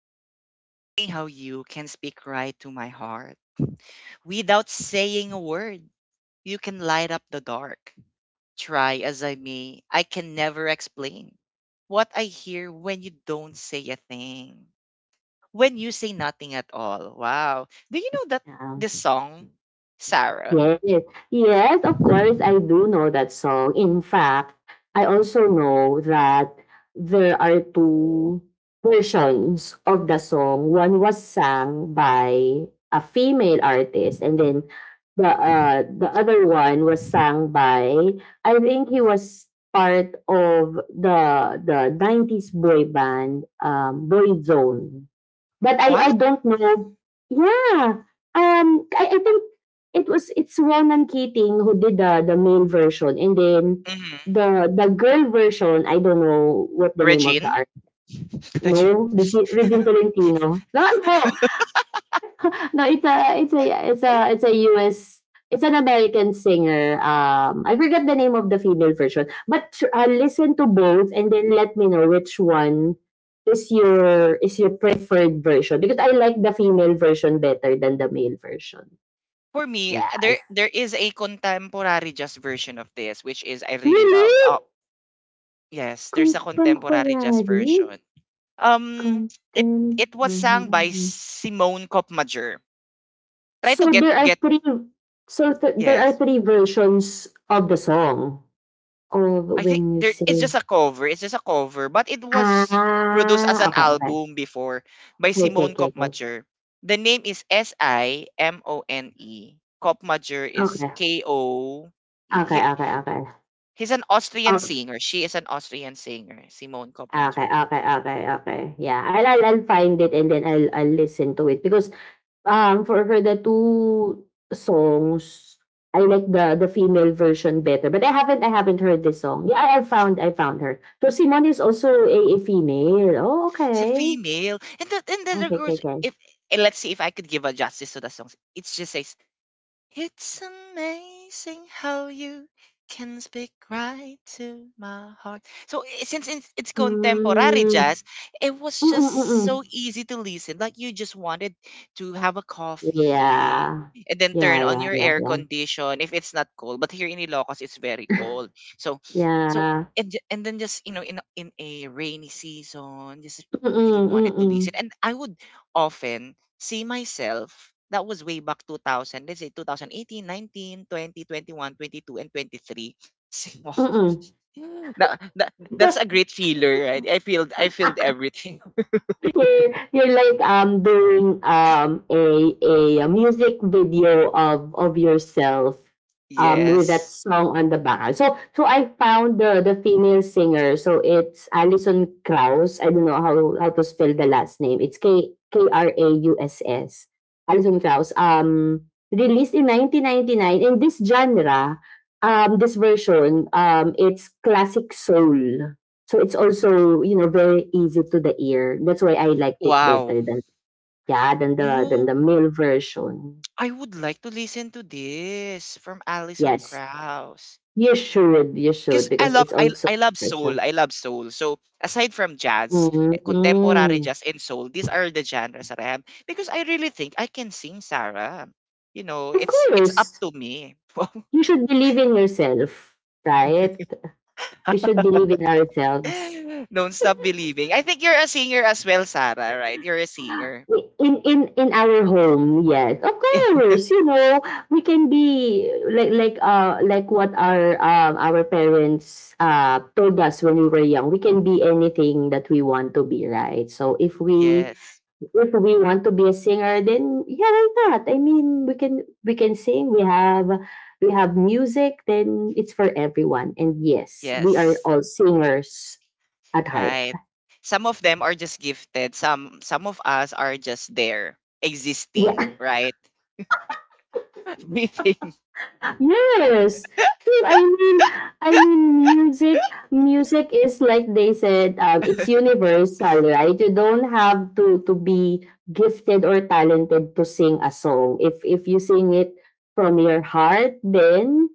it's amazing how you can speak right to my heart. Without saying a word, you can light up the dark. Try as I may, I can never explain what I hear when you don't say a thing. When you say nothing at all. Wow. Do you know that Yeah. this song, Sarah? Yes. Yes, of course, I do know that song. In fact, I also know that there are two versions of the song. One was sung by a female artist, and then the other one was sung by I think he was part of the nineties boy band Boyzone. But I What? don't know yeah, um, I think it's Ronan Keating who did the male version and then Mm-hmm. the girl version, I don't know what the name of the Regine? art Regine. no, Regine Tolentino? Naku! No, it's a US it's an American singer. I forgot the name of the female version, but listen to both and then let me know which one is your preferred version because I like the female version better than the male version. For me, Yes. there is a contemporary just version of this, which is I really love. Really? Yes, there's a Contemporary, contemporary jazz version. Um, it it was sung by contemporary. Simone Kopmajer. Try So to get there are get three. So there are Yes. three versions of the song. Of I think when you there it's say just a cover. It's just a cover, but it was produced as Ah, an okay, okay. album before by Simone Kopmajer. The name is Simone. Kopmajer is Okay. Ko. He, Okay, okay, okay. he's an Austrian Ok singer. She is an Austrian singer, Simone okay, okay, okay, Kopmajer. okay, okay, okay, okay, okay. Yeah, I'll find it and then I'll listen to it because, for the 2 songs, I like the female version better, but I haven't heard this song. Yeah, I found her. So Simone is also a female. Oh, She's a okay, female. And the other okay. Okay, 'kay, girls, 'kay. if and let's see if I could give a justice to the songs. It's just a, it's amazing how you can speak right to my heart. Since it's contemporary Hmm. jazz, it was Mm, mm, just so mm. easy to listen. Like you just wanted to have a coffee Yeah. and then turn Yeah, on yeah, your yeah, air yeah. condition if it's not cold. But here in Ilocos, it's very cold. So so Yeah. And then just, you know, in a rainy season, just really Mm, wanted to listen. mm, And I would often see myself. That was way back 2000, let's say 2018, 19, 20, 21, 22, and 23. See, wow. mm. That's a great feeler, right? I feel everything. You're like doing a a music video of yourself with that Yes. song on the background. So I found the female singer. So it's Alison Krauss. I don't know how how to spell the last name. It's K K R A U S S. Alison Krauss. Released in 1999 in this genre. This version. It's classic soul. So it's also, you know, very easy to the ear. That's why I liked it Wow. better than yeah, than the than No, the male version. I would like to listen to this from Alison Yes. Krauss, You should, because I because love it's I also I love soul. pressure. I love soul. So aside from jazz, contemporary Mm-hmm. jazz and soul, these are the genres that I have because I really think I can sing, Sarah. You know, Of it's up course. to me. You should believe in yourself, right? We should believe in ourselves. Wow. Don't stop believing. I think you're a singer as well, Sarah, right? You're a singer. In in our home, yes, of course, you know we can be like like like what our our parents told us when we were young. We can be anything that we want to be, right? So Yes. if we want to be a singer then yeah, why not? I mean, we can sing. We have we have music. Then it's for everyone, and yes, we are Yes. all singers at heart. Right. Some of them are just gifted. Some of us are just there existing, Yeah. right? Breathing. Yes. True. I mean, music is like they said, it's universal, right? You don't have to be gifted or talented to sing a song. If you sing it from your heart, then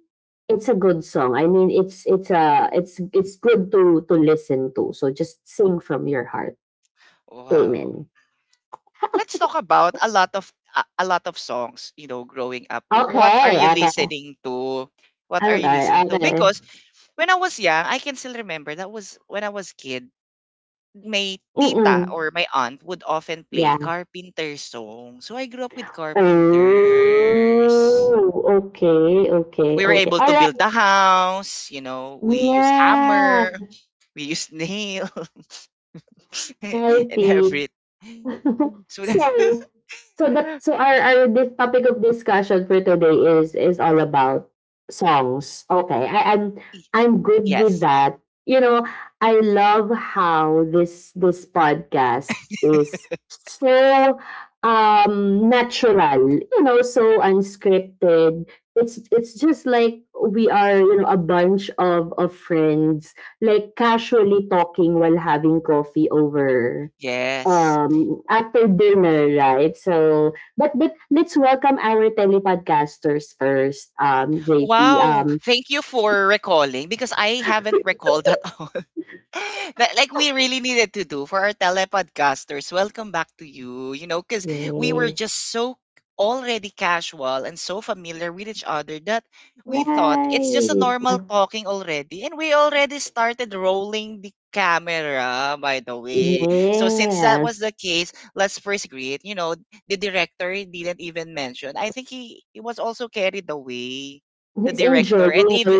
it's a good song. I mean, it's it's good to listen to. So just sing from your heart. Wow. Amen. Let's talk about a lot of a lot of songs. You know, growing up, Okay. Okay. What are Okay. you listening to? Okay. Because when I was young, I can still remember, that was when I was kid, my tita Mm-mm. or my aunt would often play Yeah. carpenter songs. So I grew up with Oh, carpenters. okay, okay, We were okay. able to Alright, build the house, you know, we use yeah, hammer, we use nail and healthy. everything, so so so that so our this topic of discussion for today is all about songs. Okay, I, Y- I'm good with yes. that. You know, I love how this podcast is so natural. You know, so unscripted. It's just like we are you know a bunch of friends like casually talking while having coffee over Yes. After dinner, right? So, but let's welcome our telepodcasters first, JP. Wow. Thank you for recalling because I haven't recalled at all. Like we really needed to do for our telepodcasters. Welcome back to you. You know, because we were Yeah. just so already casual and so familiar with each other that we thought it's just a Right. normal talking already. And we already started rolling the camera, by the way. So since that was Yes. the case, let's first greet. You know, the director didn't even mention. I think he was also carried away, the He's director. enjoying And even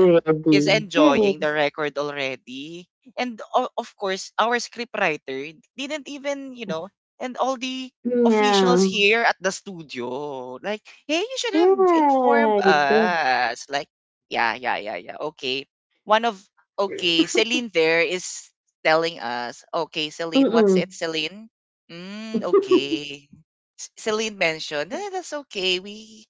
he's enjoying the Yes. record already, and of course our script writer didn't even, you know, and all the Yeah. officials here at the studio like, hey, you should have informed Right. us, like, yeah, yeah, yeah, yeah, okay. One of okay, Celine, there is telling us, okay Celine, what's it, Mm-mm. Celine, okay. Celine mentioned, that's okay, we.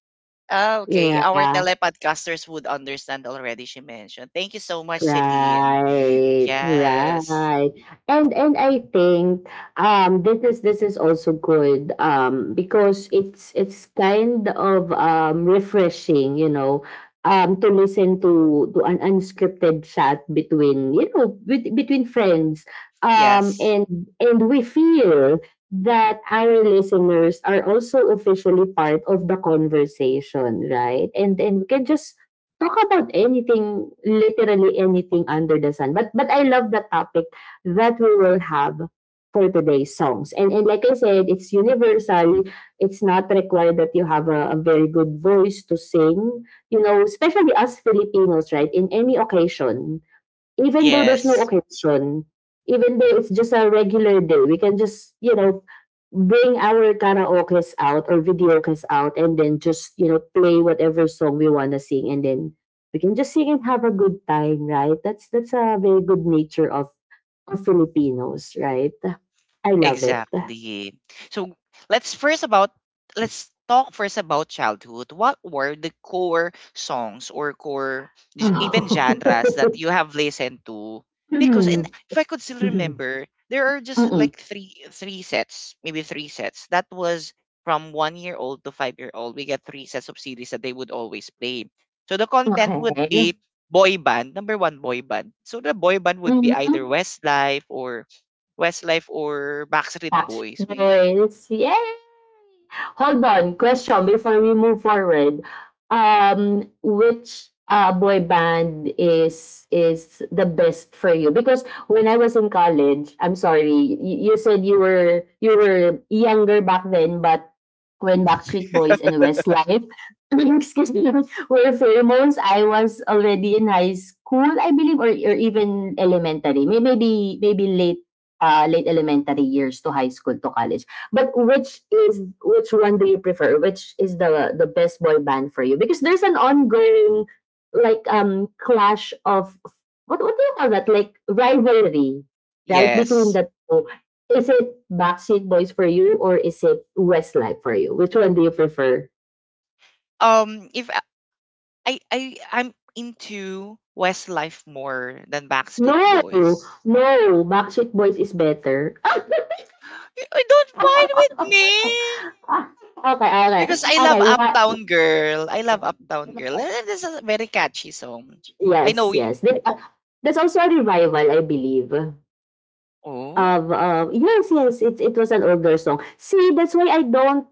Ah, okay. Our yeah. telepodcasters would understand already, she mentioned. Thank you so much, Celine. Right, Yes. right. And I think this is also good because it's kind of refreshing, you know, to listen to an unscripted chat between, you know, with, between friends. Yes. And we feel that our listeners are also officially part of the conversation, right? And we can just talk about anything, literally anything under the sun. But I love the topic that we will have for today's songs. And like I said, it's universal. It's not required that you have a very good voice to sing. You know, especially us Filipinos, right? In any occasion, even though there's no Yes. occasion, even though it's just a regular day, we can just, you know, bring our karaokes out or videokes out and then just, you know, play whatever song we want to sing, and then we can just sing and have a good time, right? That's that's a very good nature of Filipinos, right? I love it. Exactly. So let's first about let's talk first about childhood. What were the core songs or core even genres that you have listened to? Because, and Mm. if I could still remember, there are just Mm-mm. like three sets, maybe three sets. That was from 1 year old to 5 year old. We get three sets of series that they would always play. So the content would Okay. be boy band, number one boy band. So the boy band would be either Mhm. Westlife or Westlife or Backstreet That's Boys, we. nice. Yay! Hold on. Question before we move forward. Which boy band is the best for you? Because when I was in college, I'm sorry, you said you were younger back then, but when Backstreet Boys and Westlife, excuse me, were pheromones, I was already in high school, I believe, or even elementary. Maybe maybe late late elementary years to high school to college. But which is which one do you prefer? Which is the best boy band for you? Because there's an ongoing like clash of what what do you call that? Like rivalry, right? Between Yes. the two. Is it Backstreet Boys for you or is it Westlife for you? Which one do you prefer? If I'm into Westlife more than Backstreet No, Boys. no, Backstreet Boys is better. I don't find okay, with okay, me because I love okay. What? Uptown Girl. I love Uptown Girl. This is a very catchy song. I know. Yes, yes. There, there's also a revival, I believe. Oh. Of yes, yes. It was an older song. See, that's why I don't.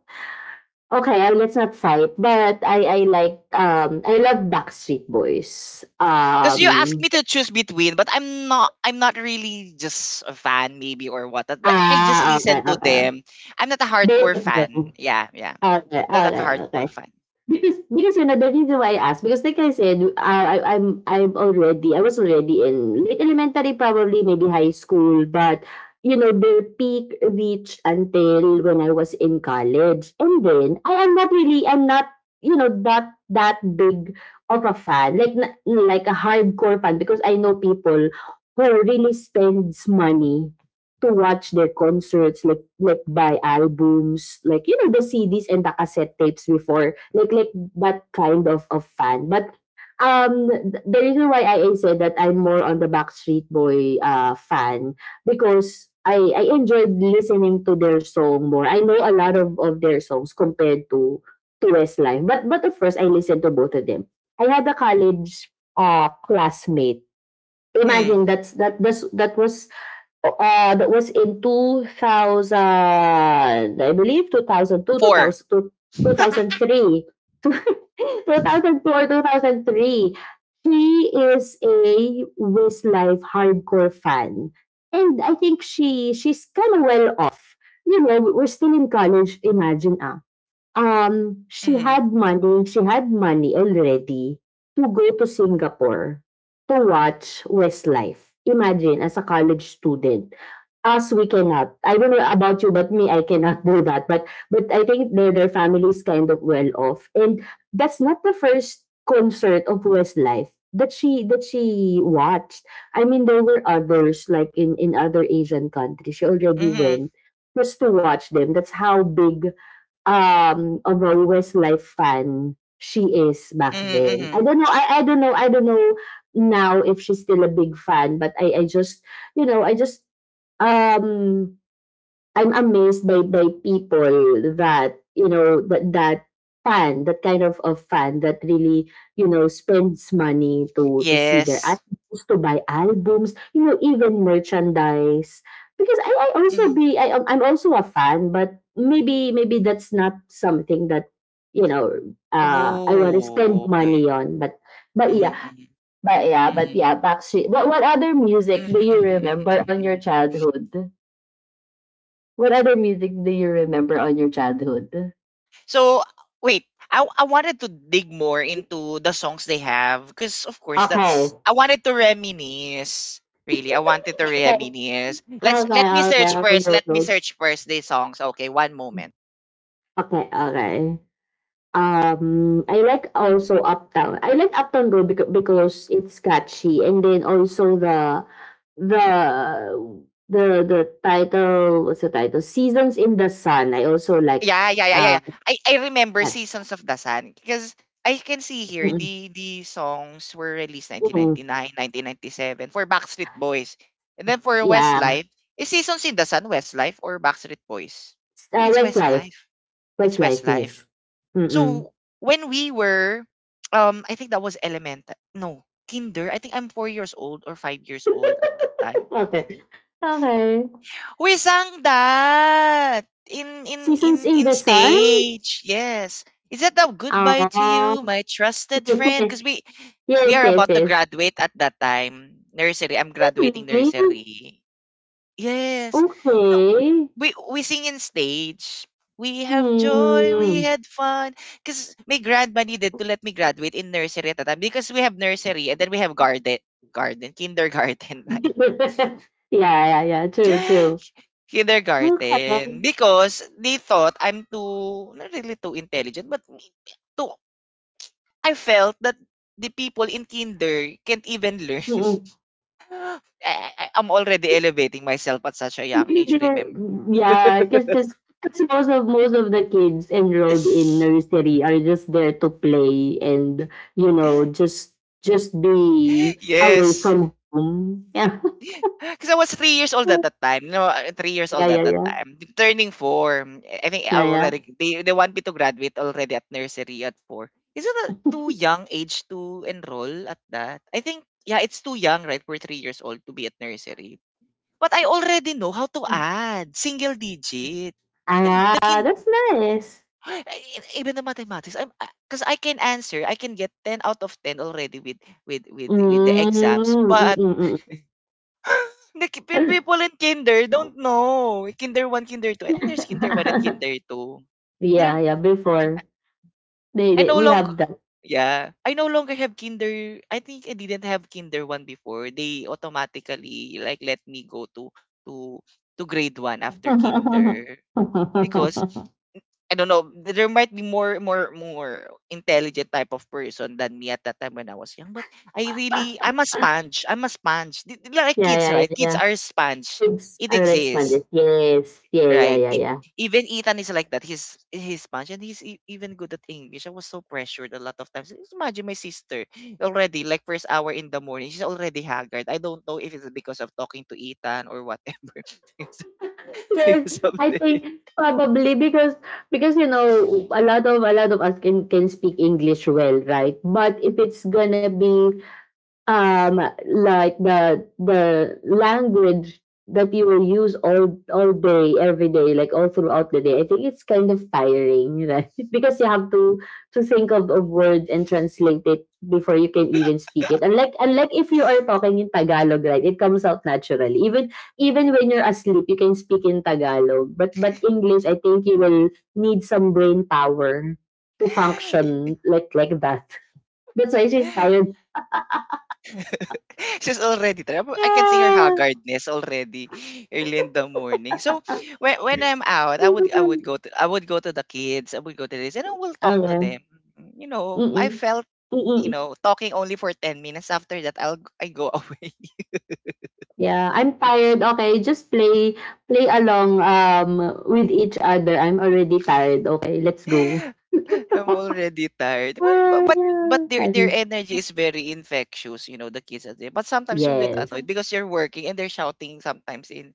Okay, let's not fight. But I like I love Backstreet Boys. Because you asked me to choose between, but I'm not really just a fan maybe or what, but I just ah, listen okay, to okay. them. I'm not a Both hardcore of fan. them. Yeah, yeah. Okay, Not like a okay, okay. hardcore fan. Because because you know the reason why I asked because like I said, I'm already I was already in late elementary, probably maybe high school, but you know their peak reached until when I was in college, and then I am not really I'm not you know that big of a fan like like a hardcore fan because I know people who really spends money to watch their concerts, like like buy albums, like you know the CDs and the cassette tapes before, like like that kind of fan. But the reason why I said that I'm more on the Backstreet Boy fan because I enjoyed listening to their song more. I know a lot of their songs compared to Westlife, but of course I listened to both of them. I had a college classmate. mm, Imagine that's that this, that was o that was in two thousand, I believe, two Four. thousand two two thousand thousand thousand three, 2002, 2002, two thousand three. She is a Westlife hardcore fan. And I think she she's kind of well off. You know, we're still in college, imagine ah. Mm-hmm, She had money already to go to Singapore to watch Westlife. Imagine, as a college student. Us, we cannot. I don't know about you, but me, I cannot do that. But I think their their family is kind of well off, and that's not the first concert of Westlife that she watched. I mean, there were others like in other Asian countries. She already mm-hmm, went just to watch them. That's how big although Westlife Life fan she is back mm-hmm, then. I mm-hmm. don't know. I don't know. I don't know now if she's still a big fan, but I just you know just um I'm amazed by by people that you know that fan, that kind of fan that really you know spends money to see their Yes. albums, to buy albums, you know, even merchandise. Because I also Mm-hmm. be I am- I'm also a fan, but maybe maybe that's not something that you know I want to Oh, spend okay. money on. But Mm-hmm, mm-hmm, yeah, mm-hmm, mm-hmm, but yeah, mm-hmm, but mm-hmm. yeah, Backstreet. But what other music do you Mm-hmm. remember on your Mm-hmm. childhood? What other music do you remember on your childhood? So wait, I wanted to dig more Okay. into the songs they have because, of course, that's Okay. I wanted to reminisce. Really, I wanted to Okay. reminisce. Let me Okay. search Okay, first. go, Let me go. search first the songs. Okay, one moment. Okay. Okay. I like also Uptown. I like Uptown Girl because because it's catchy, and then also the the the title. What's the title? Seasons in the Sun. I also like Yeah, yeah, yeah, yeah. uh Yeah. I remember that. Seasons of the Sun because I can see here Mm-mm, the songs were released nineteen mm-mm. ninety nine 1997 for Backstreet Boys. And then for Yeah. Westlife, is Seasons in the Sun Westlife or Backstreet Boys? Oh, it's Westlife. Westlife. It's Westlife. Westlife. Yes. Mm-mm. So when we were, I think that was elementary. No, kinder. I think I'm 4 years old or 5 years old at that time. okay. Okay. We sang that in in in Seasons in in the Sun? stage. Yes. Is that the goodbye to Ah, you, my trusted friend? yes, Because we yes, are yes, about to yes. graduate at that time. Nursery. I'm graduating Really? nursery. Yes. You know, Okay. we sing in stage. We have joy, we Hmm. had fun. Because my grandma needed to let me graduate in nursery at the time because we have nursery and then we have garden, garden, kindergarten, right? yeah, yeah, yeah. True, true. Kindergarten. Okay. Because they thought I'm too, not really too intelligent, but too, I felt that the people in kinder can't even learn. Mm-mm. I'm already elevating myself at such a young Maybe age, they're, remember? yeah, because most of the kids enrolled in nursery are just there to play and you know just just be away Yes. from home. Because I was 3 years old at that time. No, 3 years Yeah, old at yeah, that yeah, time. Turning four. I think I yeah, yeah, already they want me to graduate already at nursery at four. Isn't that too young age to enroll at that? I think yeah, it's too young, right? For 3 years old to be at nursery. But I already know how to yeah. add single digit. And Ah, the kin that's nice. Even the mathematics, I'm, because I can answer, I can get 10 out of 10 already with the Mm, exams. mm, But mm, the mm. people in kinder don't know. Kinder 1, kinder 2. I think there's kinder 1 and kinder 2. They Yeah, don't. yeah, before. I no We longer, have that. yeah, I no longer have kinder. I think I didn't have kinder 1 before. They automatically like let me go to to grade 1 after kinder because I don't know, there might be more intelligent type of person than me at that time when I was young, but I'm a sponge. I'm a sponge. Like kids, Yeah, yeah, right? yeah, Kids yeah. are sponge. Kids It are exists. expanded. Yes. Yeah, yeah, Right. yeah, yeah. Even Ethan is like that. He's Spanish and he's even good at English. I was so pressured a lot of times. Just imagine my sister already like first hour in the morning. She's already haggard. I don't know if it's because of talking to Ethan or whatever. Yes, I Someday. think probably because because a lot of us can speak English well, right? But if it's gonna be um like the language that you will use all day every day like all throughout the day. I think it's kind of tiring, right? Because you have to think of a word and translate it before you can even speak it, unlike unlike if you are talking in Tagalog. Right? It comes out naturally, even even when you're asleep you can speak in Tagalog, but English, I think you will need some brain power to function like that. That's why she's tired. She's already tired. I can see her Yeah. haggardness already early in the morning. So when I'm out, Mhm. I would go to the kids. I would go to this, and I will talk to them. Oo. You know, Mm, I felt, you mm. know, talking only for 10 minutes. After that, I go away. Yeah, I'm tired, okay, just play play along, with each other. I'm already tired, okay, let's go. I'm already tired. But Ah, but but their funny. energy is very infectious. You know, the kids are there. But sometimes you get Yes. annoyed because you're working and they're shouting sometimes in.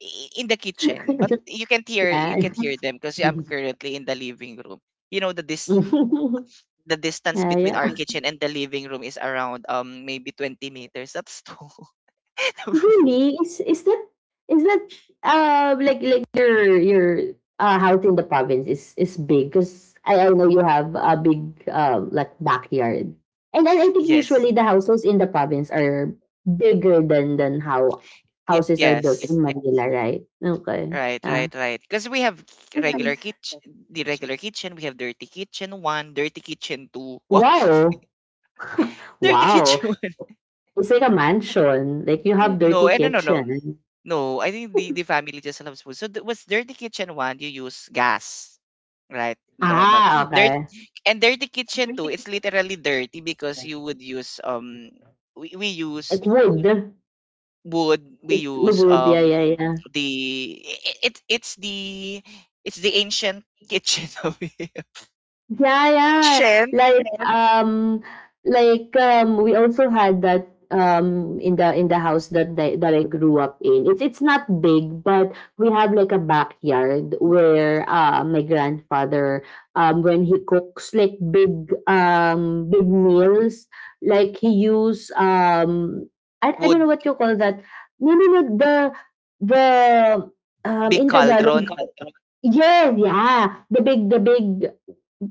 i- in the kitchen, but you Yeah. can't hear them because I'm currently in the living room. You know the distance between our Yeah. kitchen and the living room is around maybe 20 meters. That's too. Really? Is that is that, like your house in the province is big, because I know you have a big like backyard. And then I think Yes. usually the houses in the province are bigger than how houses are built Yes. in Manila, right? Okay. Right, Yeah. right, right. Because we have That's regular nice. kitchen, the regular kitchen. We have dirty kitchen one, dirty kitchen two. Wow, Wow. dirty Wow. kitchen one. It's like a mansion. Like you have No, dirty no, no, no. kitchen. No, I think the family just loves food. Was dirty kitchen one, you use gas, right? Normal. Ah, Dirt okay. Dirty kitchen two, it's literally dirty because you would use we use Like wood. wood, we Like use wood, yeah, yeah, yeah. the i- it it's the it's the ancient kitchen of here. Yeah, yeah. Ancient Like yeah. um like we also had that in the house that I grew up in. It's not big, but we have like a backyard where my grandfather when he cooks like big big meals, like he use I don't know wood, what you call that. No no no the the big in Tagalog. cauldron. Yeah, yeah. The big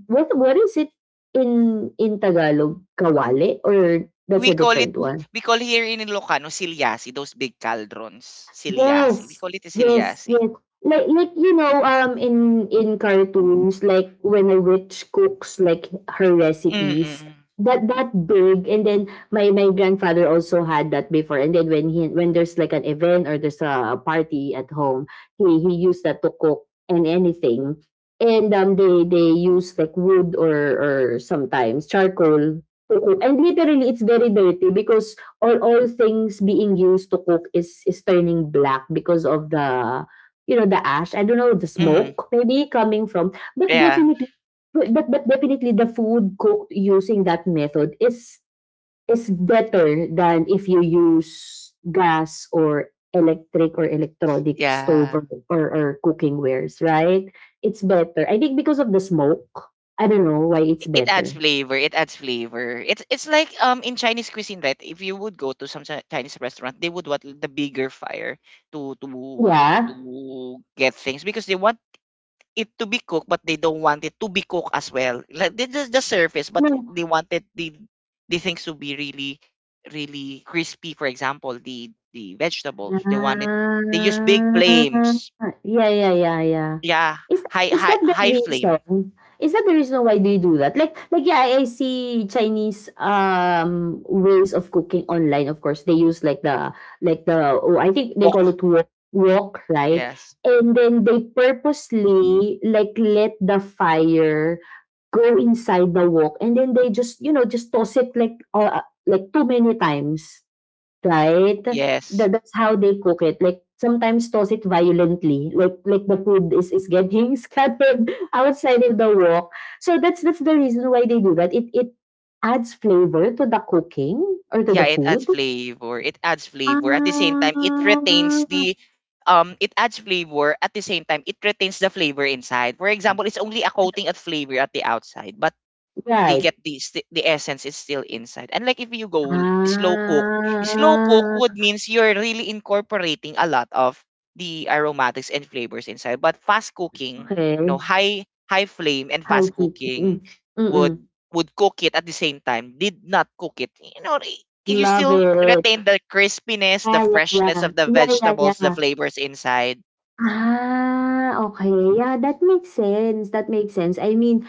what is it in Tagalog? Kawali, or that's We a call it different one? we call here in Ilocano silyasi, those big cauldrons. Silyasi. We Yes, call it a yes, yes. silyasi. Like, you know, in cartoons, like when a witch cooks like her recipes, Mm-mm. That big, and then my grandfather also had that before, and then when there's like an event or there's a party at home, he used that to cook and anything, and they use like wood or or sometimes charcoal to cook, and literally it's very dirty because all things being used to cook is turning black because of the you know the ash. I don't know, the Mhm. smoke maybe coming from, but Yeah. definitely, but definitely the food cooked using that method is better than if you use gas or electric or electronic stove Yeah. or or cooking wares, right? It's better, I think, because of the smoke. I don't know why it's It adds better. flavor. It adds flavor. It's like in Chinese cuisine, right? If you would go to some Chinese restaurant, they would want the bigger fire to to to Yeah. get things because they want it to be cooked, but they don't want it to be cooked as well. Like they just the surface, but No. they wanted the things to be really really crispy. For example, the vegetables they want it. They use big Ah, flames. yeah, yeah, yeah, yeah. Yeah, Is high is high that the high flame reason? Is that the reason why do you do that? Like yeah, I see Chinese um ways of cooking online. Of course, they use like the like the, oh, I think they call wok. it wok, wok, right? Yes. And then they purposely like let the fire go inside the wok, and then they just you know just toss it like like too many times. Right? Yes. That that's how they cook it, like, sometimes toss it violently, like the food is getting scattered outside of the wok. So that's that's the reason why they do that. It adds flavor to the cooking or to the Yeah, it adds food. flavor. It adds flavor. At the same Ah. time, it retains the, it adds flavor. At the same time, it retains the flavor inside. For example, it's only a coating of flavor at the outside, but they Right. get the essence is still inside. And like if you go slow cook would Ah, means you're really incorporating a lot of the aromatics and flavors inside. But fast cooking, okay. high flame and Hi, fast heat, cooking mm, would mm. would cook it at the same time. Did not cook it. You know, you Love still it. retain the crispiness, the Yeah, yeah, freshness yeah. of the Yeah, yeah, vegetables, the yeah. flavors inside. Ah, okay. Yeah, that makes sense, that makes sense. I mean,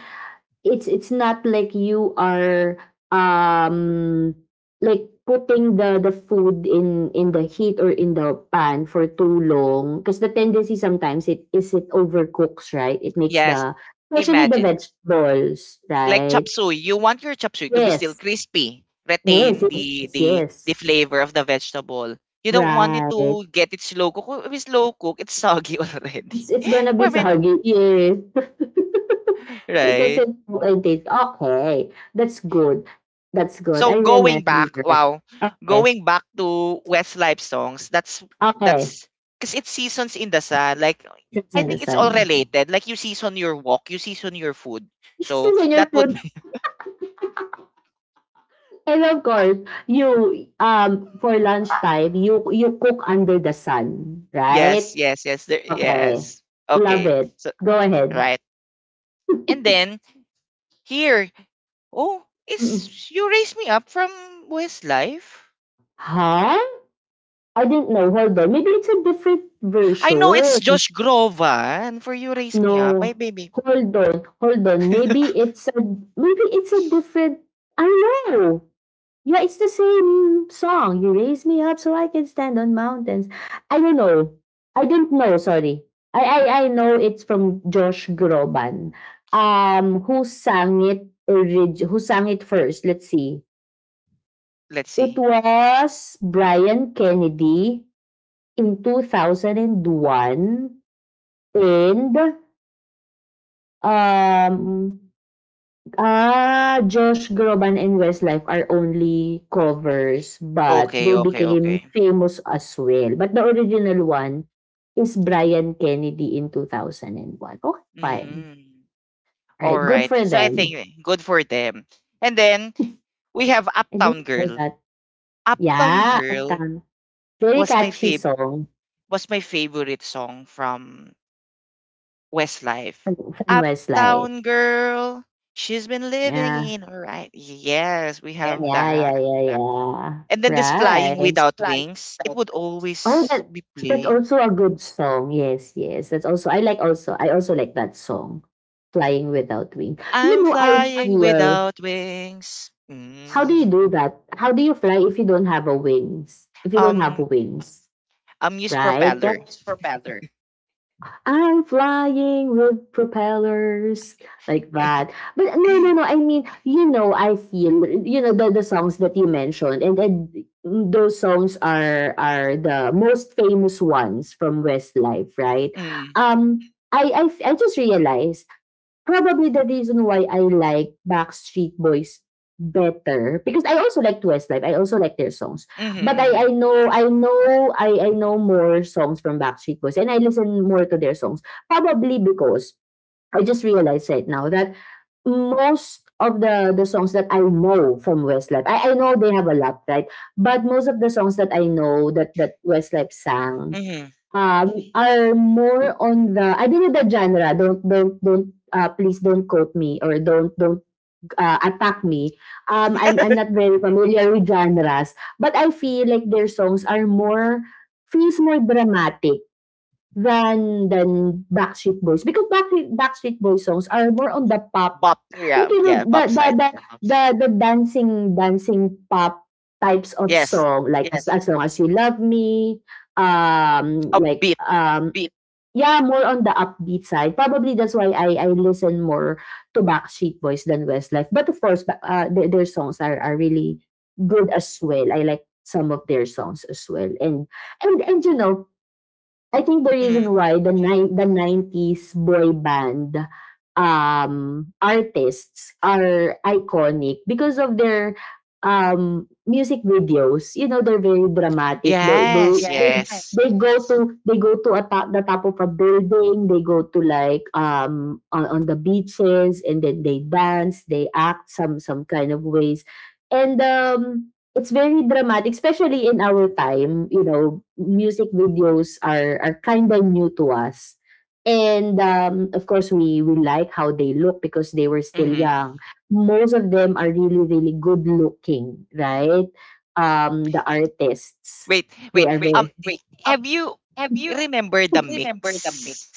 it's not like you are, um, like putting the food in the heat or in the pan for too long, because the tendency sometimes it is it overcooks, right? It makes Yes, the, especially the imagine vegetables, like chop right? suey, you want your chop suey to be still Yes. crispy, Yes, retain yes, the yes, the the yes. flavor of the vegetable. You don't want it Right. to get it slow cook. If it's slow cook, it's soggy already. It's gonna Or be soggy. Yes. It right? doesn't look like this. Okay. That's good. That's good. So I remember. wow, Okay. going back to Westlife songs, that's Okay. that's because it's seasons in the sun. Like It's I in the think it's all sun. related. Like you season your walk, you season your food. It's So still in your that would, food. And of course, you um for lunchtime, you cook under the sun, right? yes, yes, yes, there, Okay. yes. Love Okay, it. so Go ahead. right. And then here. Oh, is Mm. You Raise Me Up from Westlife? Huh? I didn't know. Hold on. Maybe it's a different I know it's version. Josh Groban for You Raise Me Up. By No. baby. Hold on, hold on. Maybe it's a different. I know. Yeah, it's the same song. You raise me up so I can stand on mountains. I don't know. I don't know, sorry. I know it's from Josh Groban. Um, who sang it orig- who sang it first? Let's see. Let's It see. was Brian Kennedy in two thousand one, and um ah, Josh Groban and Westlife are only covers, but Okay, they okay, became okay. famous as well. But the original one is Brian Kennedy in two thousand one. Okay, fine. Mm. All All right, good right. for So I them. think good for them. And then we have I Uptown didn't know Girl. that. Uptown Yeah, at Girl um, very was catchy song my favorite song from Westlife. from, from Westlife. Uptown Girl, she's been living Yeah. in, all right. Yes, we Yeah, have that. yeah, yeah, yeah. And then this Flying Right. Without Wings, it would Oh, always that be that's played. also a good song. Yes, yes. That's also, I like also, I also like that song, Flying Without Wings. You I'm know, I, ah, flying feel without wings. how do you Mm. do that? How do you fly if you don't have a wings? If you don't have Um, wings, use right? propeller. It's propeller. I'm flying with propellers like that. But no, no, no. I mean, you know, I feel you know the songs that you mentioned, and those songs are are the most famous ones from Westlife, right? Mm. Um, I just realized probably the reason why I like Backstreet Boys better, because I also like Westlife. I also like their songs, Mm-hmm, but mm-hmm, I know I know more songs from Backstreet Boys and I listen more to their songs probably because I just realized right now that most of the songs that I know from Westlife, I know they have a lot, right? But most of the songs that I know that Westlife sang mm-hmm. Are more on the, I don't know the genre. Don't please don't quote me or don't attack me. I'm not very familiar with genres, but I feel like their songs are more feels more dramatic than Backstreet Boys, because Backstreet Backstreet Boys songs are more on the pop. Bop, Like, yeah, you know, yeah, the bop the side. the the dancing dancing pop types of Yes, song, like as long as you love me, like upbeat. Yeah, more on the upbeat side. Probably that's why I listen more to Backstreet Boys than Westlife. But of course, their songs are are really good as well. I like some of their songs as well, and and you know, I think the reason Mm. why the ni- the 90s boy band um artists are iconic because of their music videos. You know, they're very dramatic, Yes, yes. they go to, they go to a top, the top of a building, they go to like um on the beaches, and then they dance, they act some kind of ways, and it's very dramatic, especially in our time. You know, music videos are are kind of new to us, and of course, we like how they look because they were still Mm-hmm. young. Most of them are really really good looking, right? The artists Wait, they wait. are very Have you remember the Mix?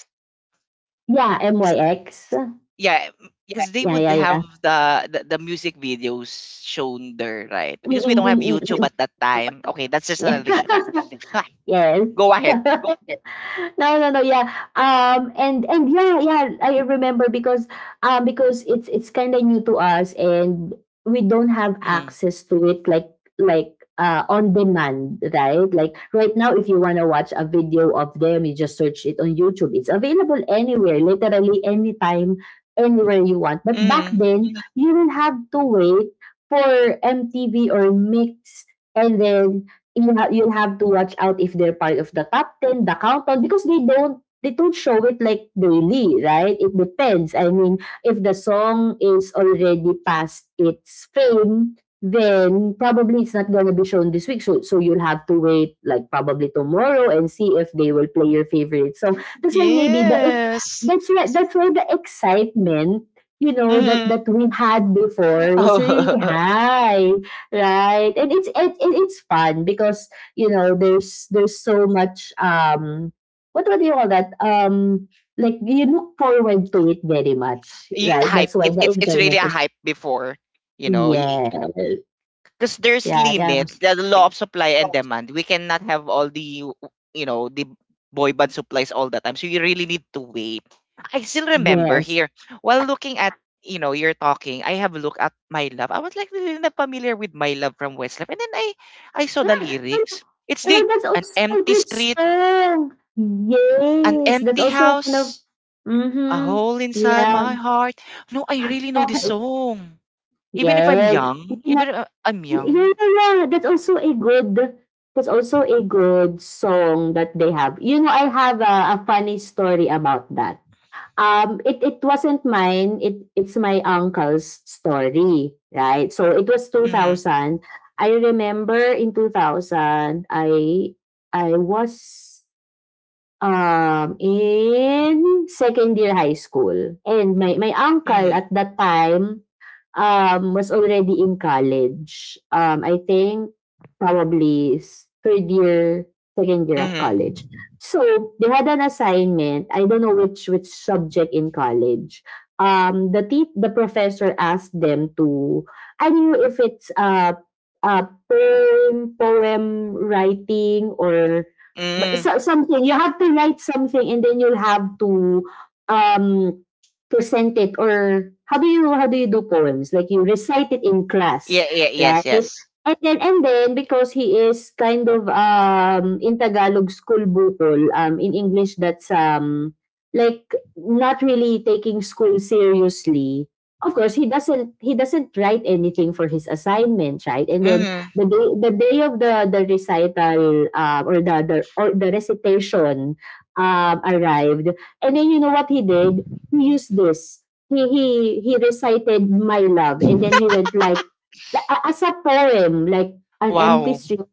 yeah, myx. Yeah, because they Yeah, would yeah, have yeah. the music videos shown there, right? Mm, Because we mm, don't have mm, mm, YouTube mm. at that time. Okay, that's just an Yeah. additional. Yes. Go ahead. No, no, no. Yeah. Um. And yeah, yeah. I remember because because it's kind of new to us and we don't have Mm. access to it like on demand, right? Like right now, if you wanna watch a video of them, you just search it on YouTube. It's available anywhere, literally anytime, anywhere you want. But back Mm. then, you will have to wait for MTV or Mix, and then you'll have to watch out if they're part of the top ten, the countdown, because they don't show it like daily, right? It depends. I mean, if the song is already past its fame, then probably it's not gonna be shown this week. So, you'll have to wait like probably tomorrow and see if they will play your favorite song. That's why maybe the ex- Yes, that's why the excitement, you know, that mm. We had before was really Oh. high. Right, and it's fun because you know there's there's so much um, what do you call that, um, like you look forward to it very much, right? Hype That's why it, the it's it's really enjoyment a is, hype before, you know y- yeah, yeah, because there's yeah, limit, yes, the law of supply and demand. We cannot have all the, the boy band supplies all the time, so you really need to wait. I still remember here, while looking at, you know, you're talking, I have looked at My Love. I was like really not familiar with My Love from Westlife, and then I saw the ah, and lyrics. It's the oh, that's an also a empty good street, song. an Yes, that's empty also one of, house, a mm-hmm, hole inside yeah, my heart. No, I really know this okay, song even if I'm yes. young, even if I'm young. Yeah, yeah, yeah. That's also a good song that they have. You know, I have a funny story about that. Um, it wasn't mine. It's my uncle's story, right? So it was two Hmm. thousand. I remember in 2000, I was in second year high school. And my uncle at that time was already in college. I think probably third year, second year at Hmm. college. So they had an assignment. I don't know which subject in college. The professor asked them to. I don't know if it's a poem poem writing or. But Mm. so something, you have to write something and then you'll have to, um, present it or how do you do poems? Like, you recite it in class, Yeah, yeah, yes, right? yes. And then because he is kind of, in Tagalog school bukol, in English that's, like not really taking school seriously. Of course, he doesn't write anything for his assignment, right? And then Mm-hmm. The day of the recital, or the recitation arrived, and then you know what he did? He used this. He he recited "My Love," and then he went like as a poem, like an empty Wow. street,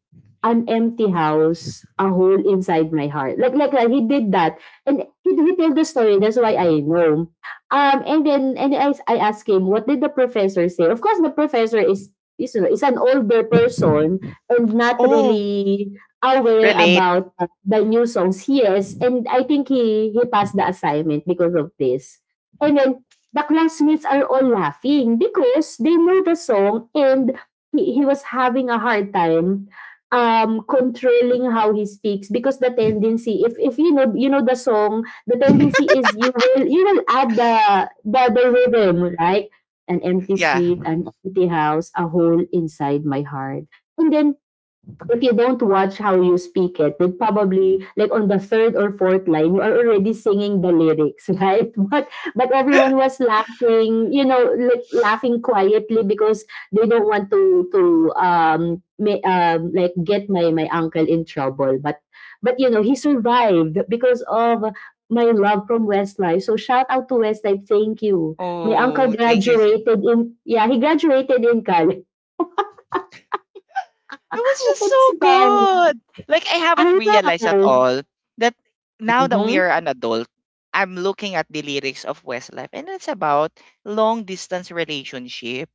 an empty house, a hole inside my heart. Like he did that, and he told the story. That's why I know. And then I asked him what did the professor say. Of course, the professor is is an older person and not Oh, really aware relate. about the new songs. Yes, and I think he passed the assignment because of this. And then the classmates are all laughing because they know the song, and he was having a hard time controlling how he speaks, because the tendency, if you know, you know the song, the tendency is you will, you will add the rhythm, right? An empty Yeah. street, an empty house, a hole inside my heart. And then if you don't watch how you speak it, then probably like on the third or fourth line, you are already singing the lyrics, right? But everyone was laughing, you know, like laughing quietly because they don't want to um, may, um like get my uncle in trouble. But you know, he survived because of my love from Westlife. So shout out to Westlife, thank you. My uncle Oh, thank you. Graduated in, yeah, he graduated in college. It was just It's so done. good. Like I haven't I realized at know. all that now that we are Mhm. an adult, I'm looking at the lyrics of Westlife and it's about long distance relationship.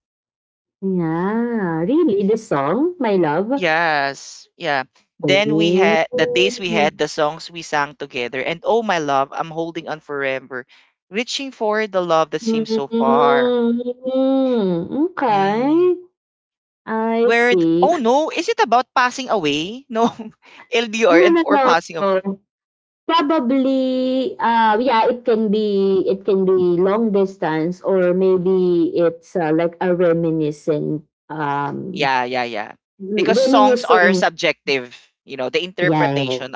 Yeah, really? This song, My Love? Yes. Yeah. Then we Oh. had the days we had, the songs we sang together, and oh my love, I'm holding on forever, reaching for the love that seems so far. Mm, okay. Mm. I Where see. oh no, is it about passing away? No, LDR No, and or no, passing of, no. Probably, yeah, it can be long distance, or maybe it's like a reminiscent, yeah, yeah, yeah. Because songs are reminiscing. subjective, you know, the Yes. interpretation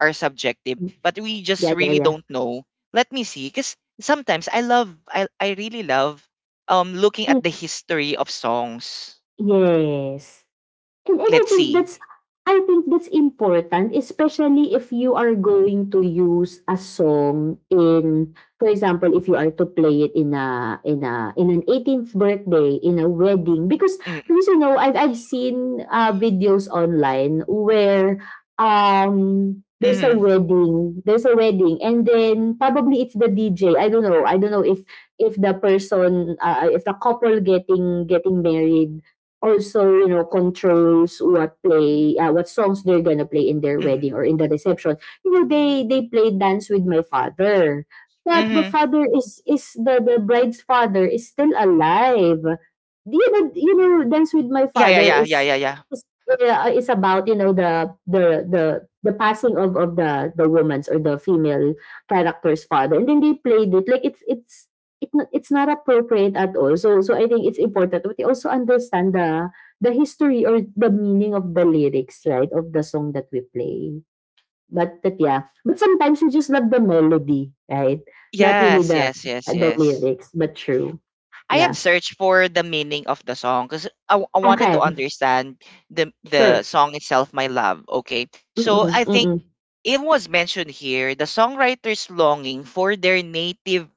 are subjective, but we just Yeah, yeah, really yeah. don't know. Let me see, because sometimes I really love, looking at the Mm, history of songs. yes. And and I Let's think see. that's I think that's important, especially if you are going to use a song in, for example, if you are to play it in a in a in an eighteenth birthday, in a wedding, because Mm, because you know I've seen videos online where mm, there's a wedding, and then probably it's the DJ. I don't know if the person if the couple getting getting married also, you know, controls what play, what songs they're gonna play in their mm, wedding or in the reception. You know, they play dance with my father. But the mm. father is the bride's father is still alive. You know, dance with my Yeah, yeah, father yeah, yeah, is yeah, yeah. Is about, you know, the the passing of the woman's or the female character's father, and then they played it like it's it no, it's not appropriate at all. So I think it's important that we also understand the history or the meaning of the lyrics, right, of the song that we play. But that, yeah, but sometimes we just love the melody, right? Not really Yes, yes, yes, the yes. lyrics, but true. I have Yeah. searched for the meaning of the song because I wanted to Okay. understand the Sure. song itself, My Love. Okay, so Mm-mm, I think mm-mm. it was mentioned here the songwriters longing for their native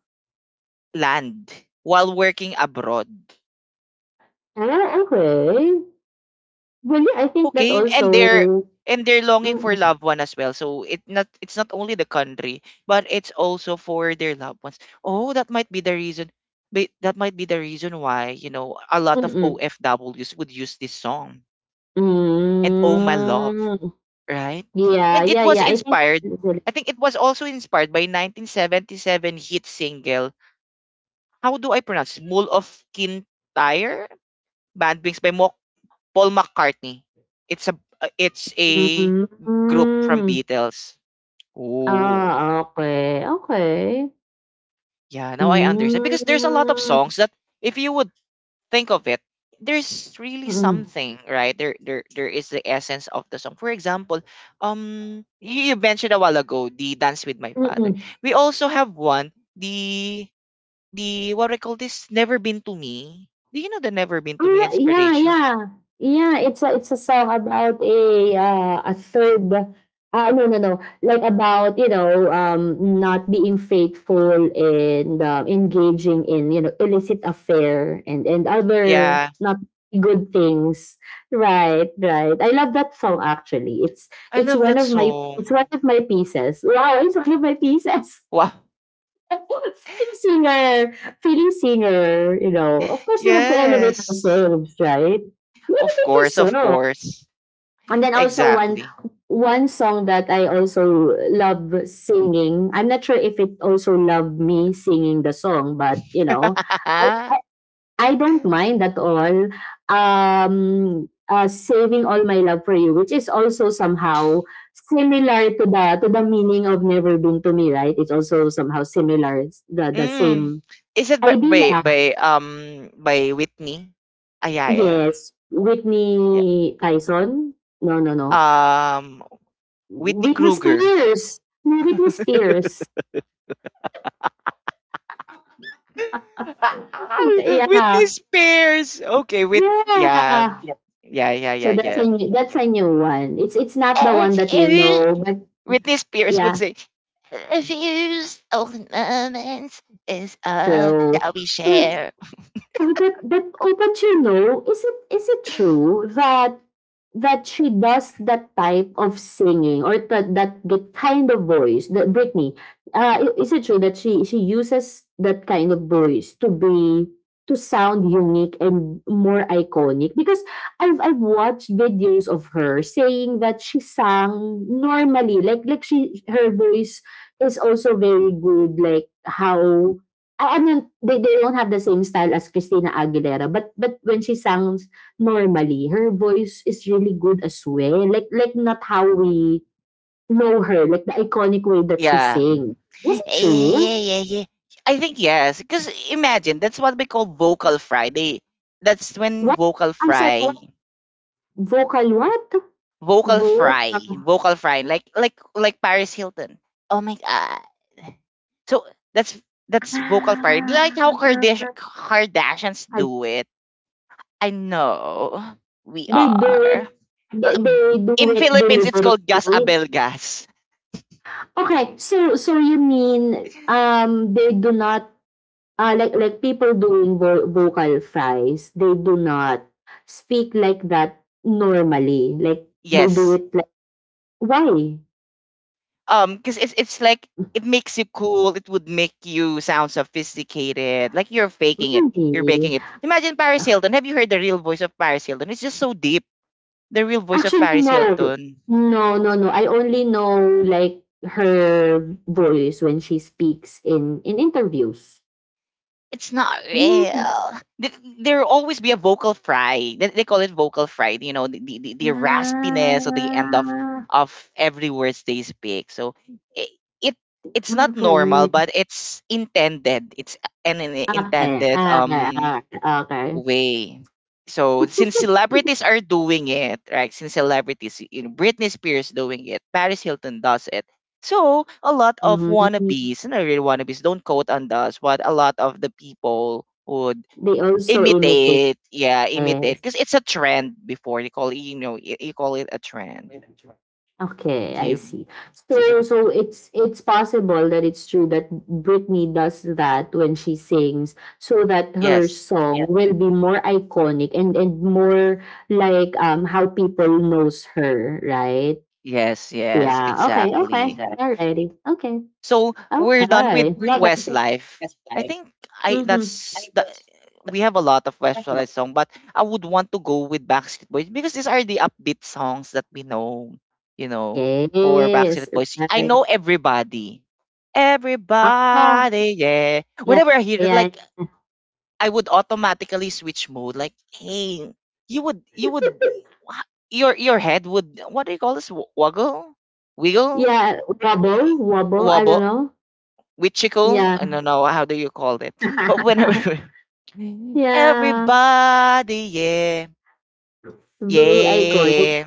land while working abroad. Ah, okay. Well, yeah, I think that Okay, and they're also. and they're longing for Mm-mm, loved one as well. So it not it's not only the country, but it's also for their loved ones. Oh, that might be the reason. That might be the reason why, a lot of mm-mm. OFWs would use this song and Oh My Love, Mm. right? Yeah, And it yeah, was yeah. I think. inspired, I think it was also inspired by 1977 hit single, how do I pronounce it? Mule of Kintyre? Bad Wings by Paul McCartney. It's a it's a group from Hmm, Beatles. Oh, ah, okey, okey. yeah, now I understand because there's a lot of Hmm, songs that, if you would think of it, there's really mm, something, right? There is the essence of the song. For example, you mentioned a while ago the Dance with My Father. mm. We also have one, the the what do I call this? Never Been to Me. Do you know the Never Been to Me Ah, yeah, inspiration? yeah. Yeah, it's a song about a third, ah, no, no, no, like about, you know, not being faithful and, engaging in, you know, illicit affair and other Yeah. not good things. Right, right. I love that song actually. It's I love that song. it's one of my pieces. Wow, it's one of my pieces. Wow. Feeling singer, feeling singer, you know, of course we have to elevate Yes. ourselves, right? You Of elevate course, of yourself. course. And then also Exactly. one song that I also love singing. I'm not sure if it also loved me singing the song, but you know, I, I don't mind at all um saving all my love for you, which is also somehow similar to the meaning of never been to me, right? It's also somehow similar. It's the Mm. same Is it by idea. Whitney? Ah, yeah, yeah, Yes. yeah. Whitney Tyson? No, no, no. Um, Whitney Whitney Kruger. Spears. No, Whitney Spears. Ah, Whitney Yeah. Spears. Okay, with yeah, Yeah. yeah, yeah, yeah, So yeah. That's a new one. It's not the one that you If know, you, but Whitney Spears would yeah. say, "If you own moments is all So, that we oh, share." oh, but you know, is it true that she does that type of singing, or that the kind of voice that Britney? Is it true that she uses that kind of voice to be, to sound unique and more iconic? Because I've watched videos of her saying that she sang normally, like like she, her voice is also very good, like how I mean, they don't have the same style as Christina Aguilera, but when she sounds normally, her voice is really good as well. Like like not how we know her, like the iconic way that she Yeah, sing. Was yeah, it yeah, true? yeah, yeah. I think yes, because imagine that's what we call vocal fry. They That's when What? vocal I'm sorry, fry, what? Vocal what? vocal fry, Vocal. vocal fry, like Paris Hilton. Oh my god! So that's that's vocal fry, like how Kardashians do it. I know we They do are, it. Um, They do in it Philippines. It's called gas deliberately. abel gas. Okay, so you mean they do not, ah, like like people doing vocal fries, they do not speak like that normally. Like, they do Yes, it like, "Why? Because it's like, it makes you cool, it would make you sound sophisticated, like you're faking it, you're Really?" making it. Imagine Paris Hilton. Have you heard the real voice of Paris Hilton? It's just so deep. The real voice of Actually, Paris no. Hilton, No, no, no. I only know, like, her voice when she speaks in interviews. it's not Really? real. There will always be a vocal fry, they call it vocal fry. You know, the raspiness or the end of Ah, of every words they speak, so it, it it's not normal, okay. but it's intended. It's an Okay, intended okay, okay, okay. way. So since celebrities are doing it, right? Since celebrities, Britney Spears doing it, Paris Hilton does it. So a lot of Mhm. wannabes, not really wannabes, don't quote on us, but a lot of the people would They also imitate, imitate, yeah, imitate, yes. because it's a trend before, you call it a trend. Okay, I You, see. This is a- So it's possible that it's true that Britney does that when she sings, so that her yes, song, yes, will be more iconic and more like, how people knows her, right? yes, yes, Yeah. Okay. Okay. exactly. Exactly. Alrighty. Okay. So we're done Okay. with Love it. Westlife. I think, I Mm-hmm. that's the, we have a lot of Westlife song, but I would want to go with Backstreet Boys because these are the upbeat songs that we know, you know, for Yes. Backstreet Boys. I Right. know everybody. Ah. Everybody, yeah. Yeah. Whenever I hear it, Yeah. like Yeah. I would automatically switch mode. Like, hey, you would you would your head would, what do you call this? Woggle? Wiggle? Yeah, Wobble. Wobble. I don't Wobble? know. With chickle. I Yeah. don't know how do you call it, but whenever Yeah. everybody, yeah, Very iconic. yeah,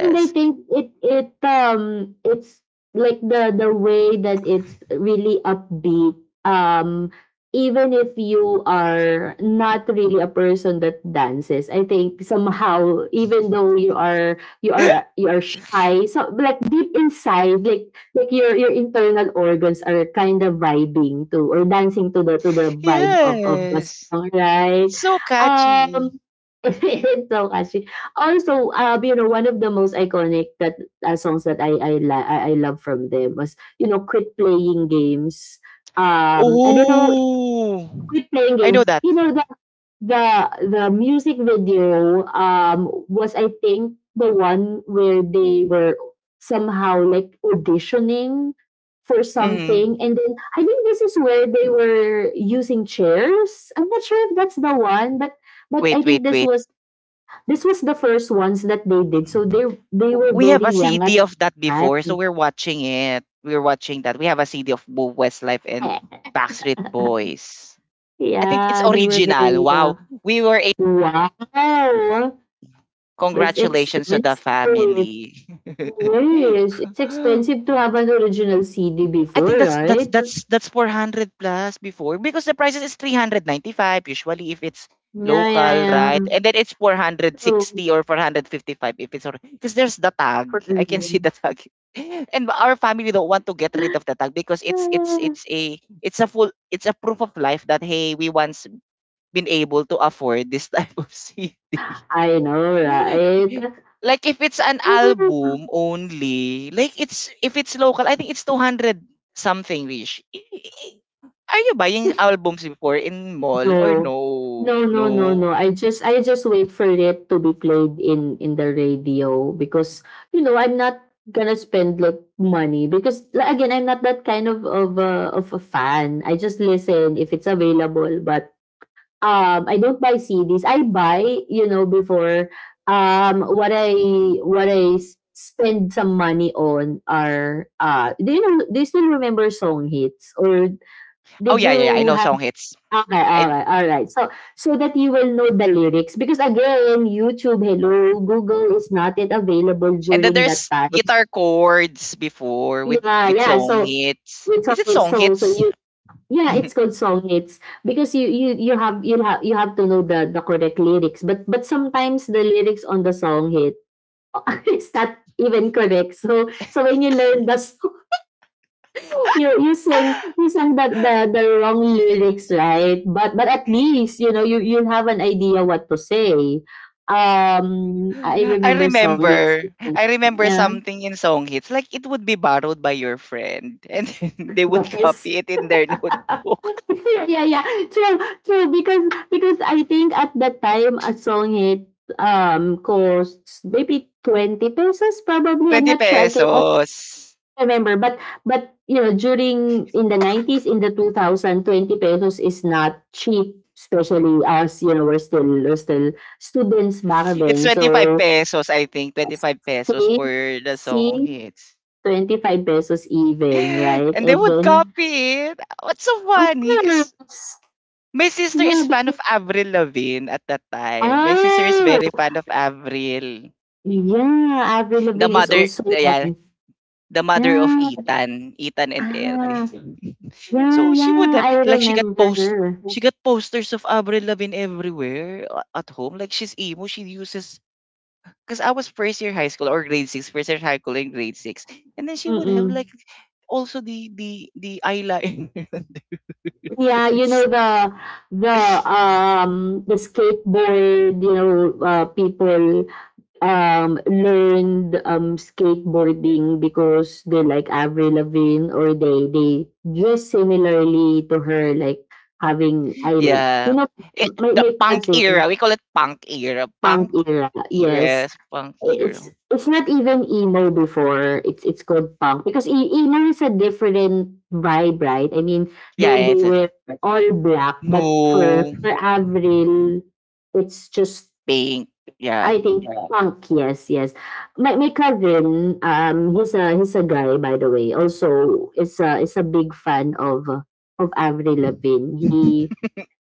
And I think it, it's like the way that it's really upbeat. Um Even if you are not really a person that dances, I think somehow even though you are, you are you are shy, so like deep inside, like like your internal organs are kind of vibing to or dancing to the vibe of the yes, song, right? it's so catchy. Um, Ito kasi also, you know, one of the most iconic that, songs that I, li- I love from them was, you know, quit playing games. I don't know, Oh, quit playing I know game, that. you know, the the the music video, was, I think, the one where they were somehow like auditioning for Hmm. something, and then I think this is where they were using chairs. I'm not sure if that's the one, but I Wait, wait, think this wait. was, this was the first ones that they did. So they were We have very a young CD at of that before, so time. we're watching it. We're watching that. We have a CD of both Westlife and Backstreet Boys. I think it's Yeah, they were original. very Wow, young. we were. Wow, that's Congratulations to the expensive. family. Yes, it's expensive to have an original CD I before, think that's that's right? that's that's 400 plus before because the prices is 395 usually if it's Yeah, yeah, local, yeah. right? And then it's So 460 or 455 if it's because there's the tag. for I can see me. the tag. And our family don't want to get rid of the tag because it's it's it's a it's a full, it's a proof of life that, hey, we once been able to afford this type of seat. I know, right? Like if it's an album only, like it's if it's local, I think it's 200 something Rish. Are you buying albums before in mall or No. no? No, no, no, no. No. I just wait for it to be played in the radio because, you know, I'm not gonna spend like money, because like, again, I'm not that kind of of a fan. I just listen if it's available, but I don't buy CDs. I buy, you know, before, what I, spend some money on are, uh, do you know, do you still remember song hits or Oh did yeah, yeah, yeah. I you? know song hits. Okay, I alright, alright. So that you will know the lyrics, because again, YouTube, hello, Google is not yet available and then during that there's time. guitar chords before with Yeah, with yeah. song So hits. it's Is on it its song so hits? you yeah, it's called songits, because you have, you have to know the correct lyrics. But sometimes the lyrics on the song hit is not even correct. So when you learn the you sang the wrong lyrics, right? But at least, you know, you have an idea what to say. I I remember song. Yes, remember. I remember yeah, something in song hits. Like it would be borrowed by your friend and then they would yes. copy it in their notebook. Yeah, yeah. True, true. Because I think at that time a song hit costs maybe 20 pesos, probably. I'm 20 not sure, I can pesos. remember, but you know, during in the 90s, in the two thousand, 20 pesos is not cheap, especially, as you know, we're still students back It's then. 25 So, pesos, I think. 25 pesos for the song save, hits. 25 pesos even, right? And they And would then, copy it. What's so of funny? Because course. my sister Yeah. is fan of Avril Lavigne at that time. My sister is very Oh, fan of Avril. yeah, Avril The Lavigne is mother, also yeah, there. the mother of Yeah, Ethan. Ethan and Eric. ah, So yeah, she would yeah, have I like remember her. she got posters of Avril Lavigne everywhere at home. Like she's emo, she uses because I was first year high school or grade six, first year high school and grade six, and then she would Mm-mm. have like also the eyeliner and the Yeah, you eyes. know the, the skateboard, you know, people learned skateboarding because they like Avril Lavigne, or they dress similarly to her, like having island you Yeah, know it, my the my punk cousin. era. We call it punk era. Punk Punk era, era. yes. Yes, punk It's era. it's not even emo before, it's called punk, because emo is a different vibe, right? I mean, Yeah, they yeah, they it's a, were all black, but for no for Avril, it's just, pink. Yeah, I think, punk. Yes, yes. My cousin, he's a guy, by the way. Also, is a big fan of, of Avril Lavigne. He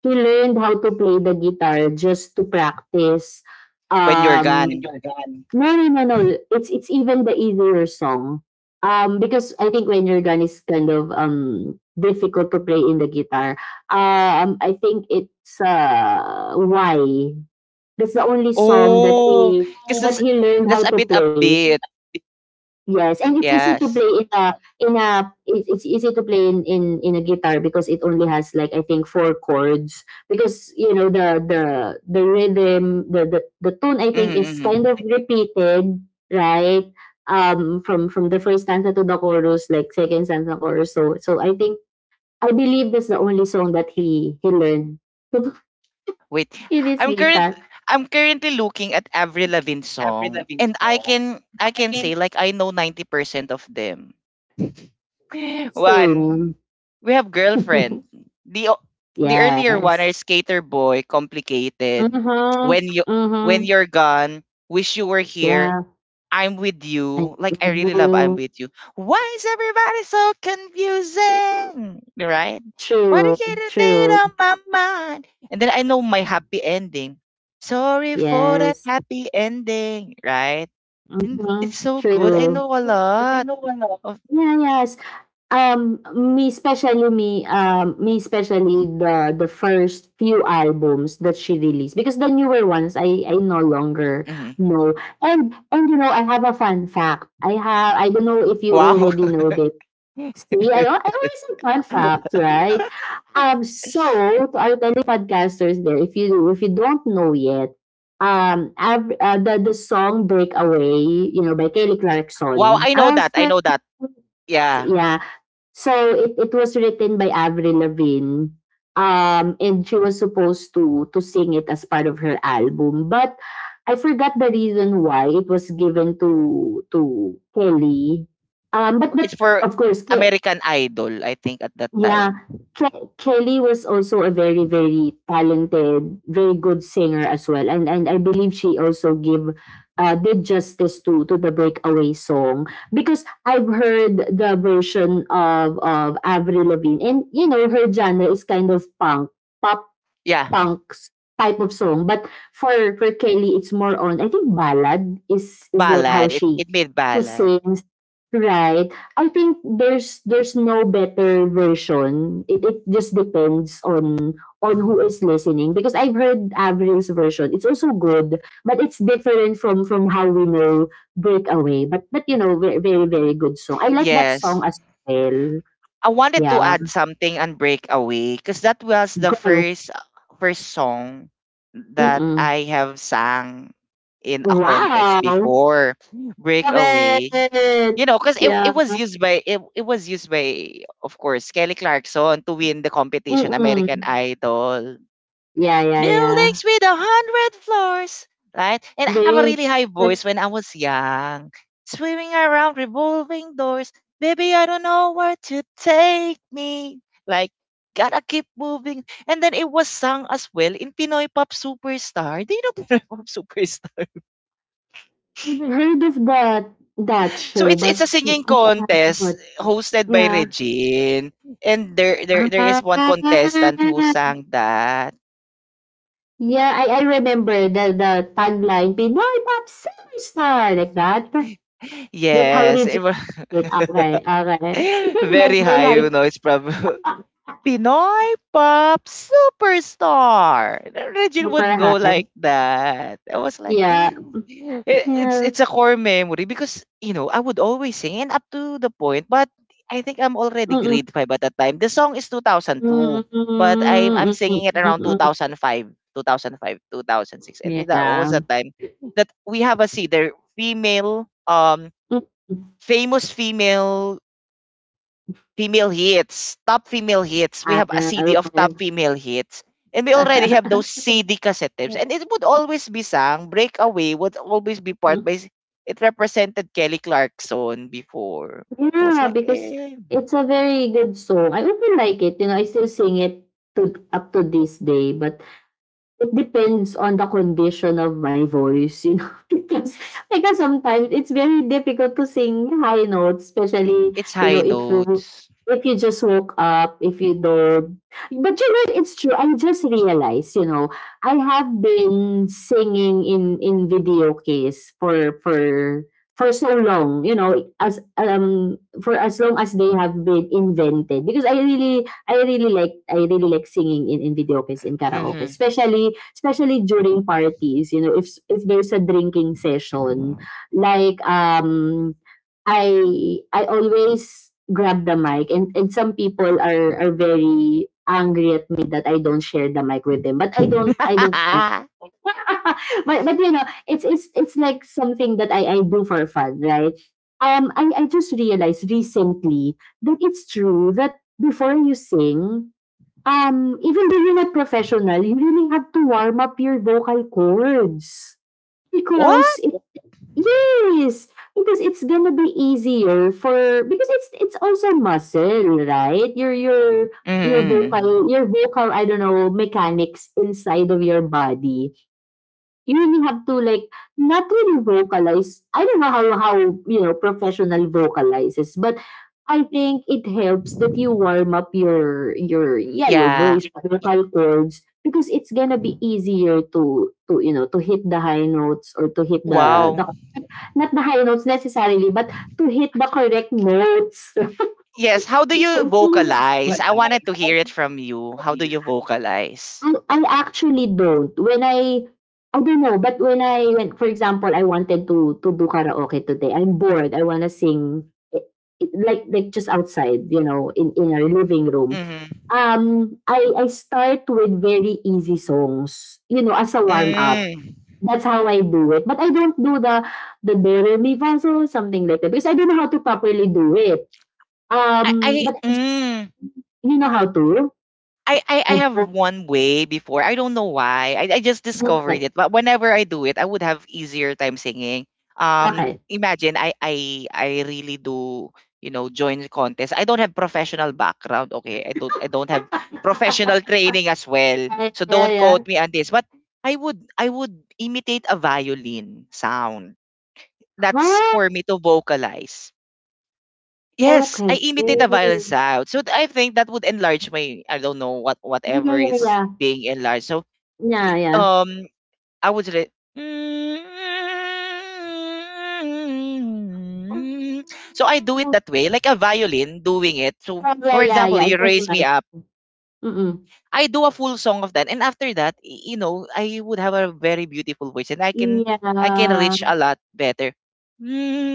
he learned how to play the guitar just to practice. when you're um gone. no, no, no, no. It's even the easier song, because I think when your gun is kind of difficult to play in the guitar. I think it's, why, that's the only song that Oh, because that he learned that's how a to bit play. upbeat. Yes, and it's easy to play Yes. in a it's easy to play in, in a guitar, because it only has, like, I think, four chords, because you know the, the rhythm, the tone, I think, Mm-hmm, is kind mm-hmm. of repeated, right? From the first stanza to the chorus, like second stanza, chorus. So I think, I believe that's the only song that he learned to Wait, play this I'm current guitar. I'm currently looking at Avril Lavigne song and I can say like I know 90% of them. One, Same. we have girlfriend. The o- the earlier one are Yes. Skater Boy, uh Complicated. huh When you uh huh when you're gone, Wish You Were Here, yeah. I'm with Ay, you. Like I really love I'm nag-new. with you. Why is everybody so confusing? Right? Why do you True, get a date on true, my mind? And then I know my happy ending. Sorry for that yes. happy ending, right? And it's Mhm, so good. I true. know a lot of Yeah, yes. Me, especially me, me, especially the first few albums that she released, because the newer ones I no longer mhm. know. And you know, I have a fun fact. I don't know if you Wow. already know this. See, I always have fun fact, right? So to our fellow podcasters there, if you don't know yet, the song "Breakaway," you know, by Kelly Wow, Clarkson. I know As that. I friends, know that. Yeah. yeah. So it was written by Avril Lavigne, and she was supposed to sing it as part of her album, but I forgot the reason why it was given to Kelly. Um, but It's for of course, Ke-. American Idol, I think, at that Yeah. time. Kelly was also a very, very talented, very good singer as well. And I believe she also give, did justice to the "Breakaway" song, because I've heard the version of Avril Lavigne, and you know her genre is kind of punk pop, Yeah. punks type of song. But for Kelly, it's more on, I think, ballad is like how Ballad. It she it made she ballad. sings. Right. I think there's no better version. It just depends on who is listening, because I've heard Avery's version. It's also good, but it's different from how we know "Breakaway." But you know, very, very, very good song. I like that Yes. song as well. I wanted to Yeah. add something on Breakaway because that was the Go. First song that Mm-mm. I have sang in a contest Wow. before. Love Breakaway. it. You know, because Yeah. It, it was used by of course Kelly Clarkson to win the competition American Mm-mm. Idol Yeah, yeah, yeah. buildings with a hundred floors, right? And I have a Very. really high That's... voice when I was young, swimming around revolving doors. Baby, I don't know where to take me. Like, gotta keep moving. And then it was sung as well in Pinoy Pop Superstar. Do you know Pinoy Pop Superstar? I've heard of that So show, but it's a singing I haven't contest watched it. hosted by Yeah. Regine. And there is one contestant who Ah, sang that. yeah, I remember the tagline "Pinoy Pop Superstar," like that. That's how Yes, it legit was it. Okay, okay. Like very very high, you high. know. It's probably Pinoy Pop Superstar. Regine Super would go high. like that. I was like, Yeah. It's Yeah. A core memory because you know I would always sing and up to the point. But I think I'm already Mm-mm. grade five at that time. The song is 2002, but I'm singing it around 2005, 2005, 2006, and that was Yeah. a time that we have a see there female Mm. famous female hits, top female hits. We Ah, have a CD of top okay. female hits. And we already have those CD cassette tapes. And it would always be sang. Breakaway would always be part by... It represented Kelly Clarkson before. I was Yeah, like, because eh, it's a very good song. I really like it, you know, I still sing it to up to this day, but... It depends on the condition of my voice, you know. Because sometimes it's very difficult to sing high notes, especially, it's you know, high if you notes. if you just woke up, if you don't. But you know, it's true. I just realized, you know, I have been singing in video case for so long, you know, as for as long as they have been invented. Because I really like singing in, video case, in karaoke, Hmm. especially, during parties, you know, if there's a drinking session, like, I always grab the mic, and, some people are very angry at me that I don't share the mic with them. But I don't care. But you know, it's like something that I do for fun, right? I just realized recently that it's true that, before you sing, even though you're not professional, you really have to warm up your vocal cords. What? Because it Yes, because it's gonna be easier for, because it's also muscle, right? Your Mm-hmm. vocal your vocal, I don't know, mechanics inside of your body. You really have to, like, not really vocalize. I don't know how you know professional vocalizes, but I think it helps that you warm up your yeah, Yeah. Your vocal cords, because it's gonna be easier to, you know, to hit the high notes, or to hit the Wow. the not the high notes necessarily, but to hit the correct notes. Yes. How do Yes. you Please. vocalize? Bye. I wanted to hear it from you. How do you vocalize? I actually don't. When I don't know, but when, for example, I wanted to do karaoke today, I'm bored, I wanna sing, I like, just outside, you know, in our living room. Mm-hmm. I start with very easy songs, you know, as a warm up. Mm. That's how I do it, but I don't do the "Do, Re, Mi, Fa, Sol," something like that, because I don't know how to properly do it. I I But I just... mm, You know how to? I I have don't? one way before. I don't know why. I just discovered Okay. it. But whenever I do it, I would have easier time singing. Okey. Imagine I really do you know join the contest. I don't have professional background. Okay, I don't have professional training as well. Yeah, So yeah, don't yeah. quote me on this. But I would imitate a violin sound. That's Huh? for me to vocalize. Yes, Okay. I imitate Yeah, a violent yeah, sound. So I think that would enlarge my I don't know what whatever yeah, is yeah. being enlarged. So Yeah, yeah. um I would say "mm-hmm." So I do it that way, like a violin doing it. So Mm, yeah, for yeah, example, yeah. I you can raise me imagine. up. Mm-mm. I do a full song of that, and after that, you know, I would have a very beautiful voice, and Yeah, I can reach a lot better.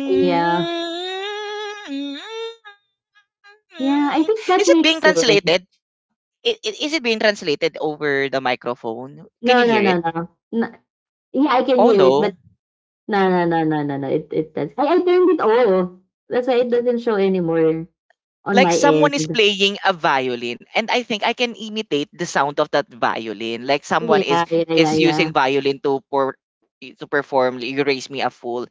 yeah, yeah. I Mm. think that Is it makes being sense. translated? I Is it being translated over the microphone? Can you No, no, hear it? no, no. No, yeah, I can Oh hear it, no. but no, no, no, no, no, no. It does. I turned it all. That's why it doesn't show anymore on Like my someone is end. playing a violin and I think I can imitate the sound of that violin. Like someone Yeah, yeah, yeah, is yeah, using violin to perform like, You Raise Me a Fool.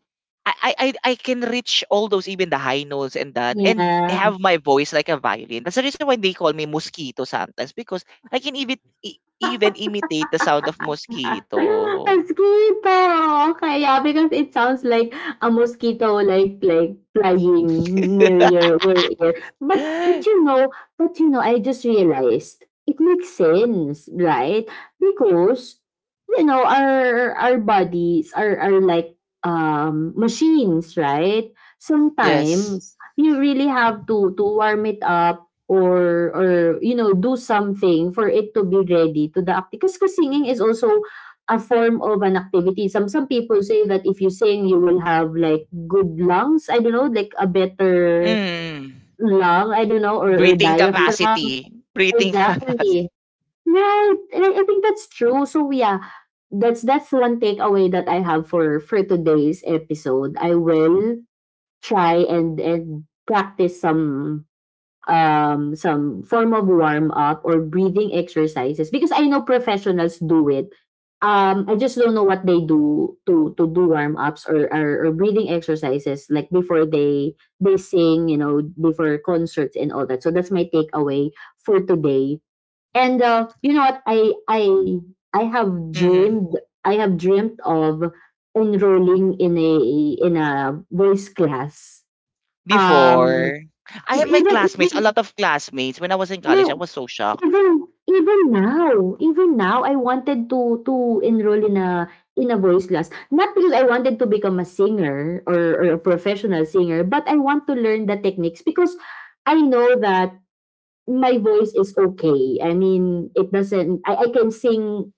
I can reach all those even the high notes and that and yeah. have my voice like a violin. That's the reason why they call me mosquito sometimes because I can even even imitate the sound of A mosquito. mosquito, okay, yeah, because it sounds like a mosquito, like flying near your ear. But you know, I just realized it makes sense, right? Because you know, our bodies are like, machines, right? Yes. Sometimes you really have to warm it up, or, you know, do something for it to be ready to the act, because singing is also a form of an activity. Some people say that if you sing, you will have, like, good lungs. I don't know, like a better Mm. lung. I don't know, or, Breathing diaphragm. capacity. Breathing Exactly. capacity. Right. And I think that's true. So yeah, that's one takeaway that I have for today's episode. I will try and practice some, some form of warm up or breathing exercises, because I know professionals do it. I just don't know what they do to do warm ups, or, or breathing exercises, like before they sing, you know, before concerts and all that. So that's my takeaway for today. And, you know what? I have Mm. dreamed I have dreamt of enrolling in a voice class. Um, Before, I have my even, classmates, a even lot of classmates. When I was in college, I No, was so shocked. even even now, I wanted to enroll in a voice class. Not because I wanted to become a singer or a professional singer, but I want to learn the techniques, because I know that my voice is okay. I mean, it doesn't... I can sing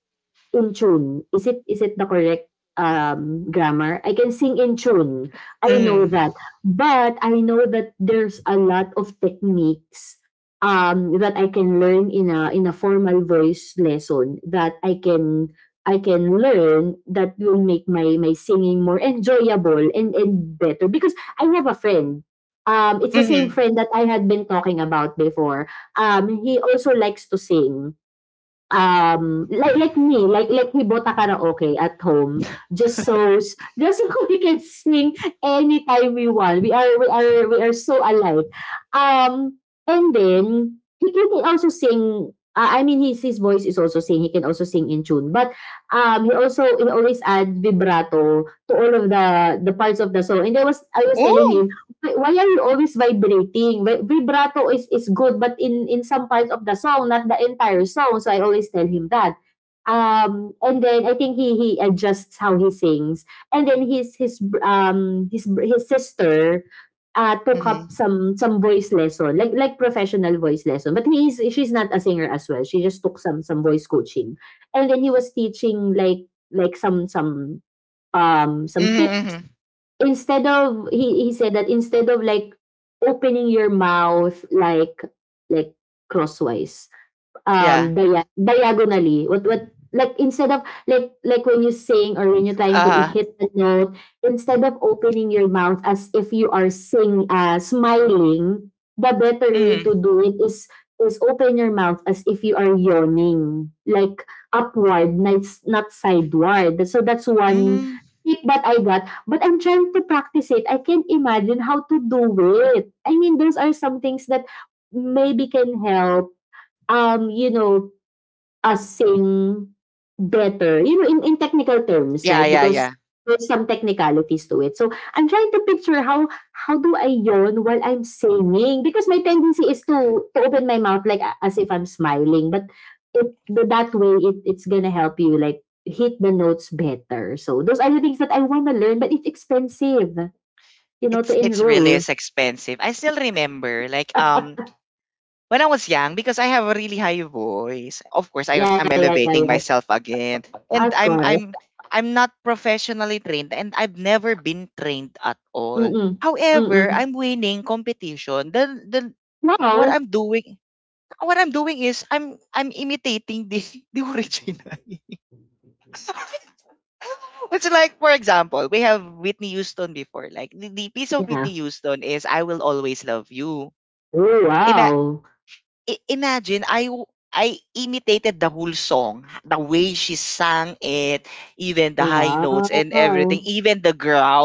in tune? Is it the correct, grammar? I can sing in tune. I know Mm. that, but I know that there's a lot of techniques, that I can learn in a formal voice lesson, that I can learn, that will make my singing more enjoyable and better, because I have a friend. It's the same Mm. friend that I had been talking about before. He also likes to sing, like, me, like, we bought a karaoke at home, just so just so we can sing anytime we want. We are so alike. Um, and then he can also sing. I mean, his voice is also sing. He can also sing in tune, but he always add vibrato to all of the parts of the song. And I was telling Oh. him, why are you always vibrating? Vibrato is good, but in some parts of the song, not the entire song. So I always tell him that. And then I think he adjusts how he sings. And then his his br- um his br- his sister took up Mm. Some voice lesson, like professional voice lesson. But he is she's not a singer as well. She just took some voice coaching. And then he was teaching like some tips, Mm. instead of he said that, instead of like opening your mouth like, like crosswise, Yeah. Diagonally, what what like, instead of like when you sing or when you're trying to Uh-huh. hit the note, instead of opening your mouth as if you are sing smiling, the better way to Mm. do it is open your mouth as if you are yawning, like upward, not sideward. So that's one Mm. tip that I got, but I'm trying to practice it. I can't imagine how to do it. I mean, those are some things that maybe can help, you know, us saying better, you know, in, technical terms, Yeah, right? yeah, Because yeah. there's some technicalities to it. So I'm trying to picture, how do I yawn while I'm singing? Because my tendency is to open my mouth like, as if I'm smiling, but but that way it's gonna help you like hit the notes better. So those are the things that I want to learn, but it's expensive, you know, to It's really enroll. is expensive. I still remember like when I was young, because I have a really high voice, of course Yeah, I'm yeah, yeah, yeah, elevating yeah. myself again, and Of course. I'm not professionally trained, and I've never been trained at all. Mm-mm. However, Mm-mm. I'm winning competition. The What Wow. I'm doing what I'm doing is I'm imitating the the original. It's like, for example, we have Whitney Houston before. Like, the piece of Yeah. Whitney Houston is I Will Always Love You. Oh, wow. Imagine I imitated the whole song, the way she sang it, even the Oh, high notes and everything, wow. even the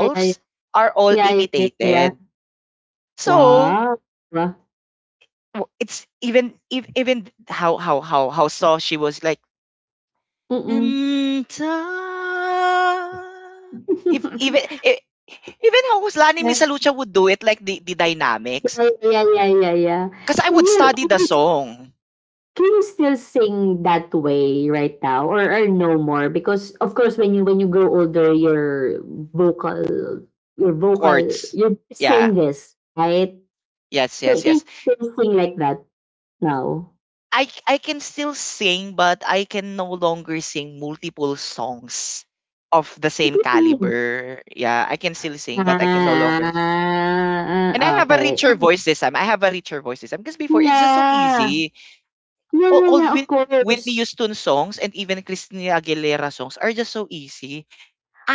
Yeah, yeah, yeah, are all yeah, yeah, yeah, yeah. imitated. So Wow. Wow. It's even if even how soft she was like Mm-mm. and I-" if even even how Lani Yeah, yeah, Misalucha would do it like the dynamics yeah, yeah, yeah, yeah. because I Can would you study can the you song can you still sing that way right now, or, no more? Because of course, when when you grow older, your vocal, your vocal chords. your voice Yeah. changes, right? Yes, Can, yes, yes. you still sing like that now? I can still sing, but I can no longer sing multiple songs of the same caliber. Yeah, I can still sing, Mm. but I can no longer. S- And I Ah, have a okay. richer voice this time. I have a richer voice this time because before it's just so Yeah. easy. Yeah, All, yeah, all yeah, of Whit- Whitney course. Houston songs and even Christina Aguilera songs are just so easy.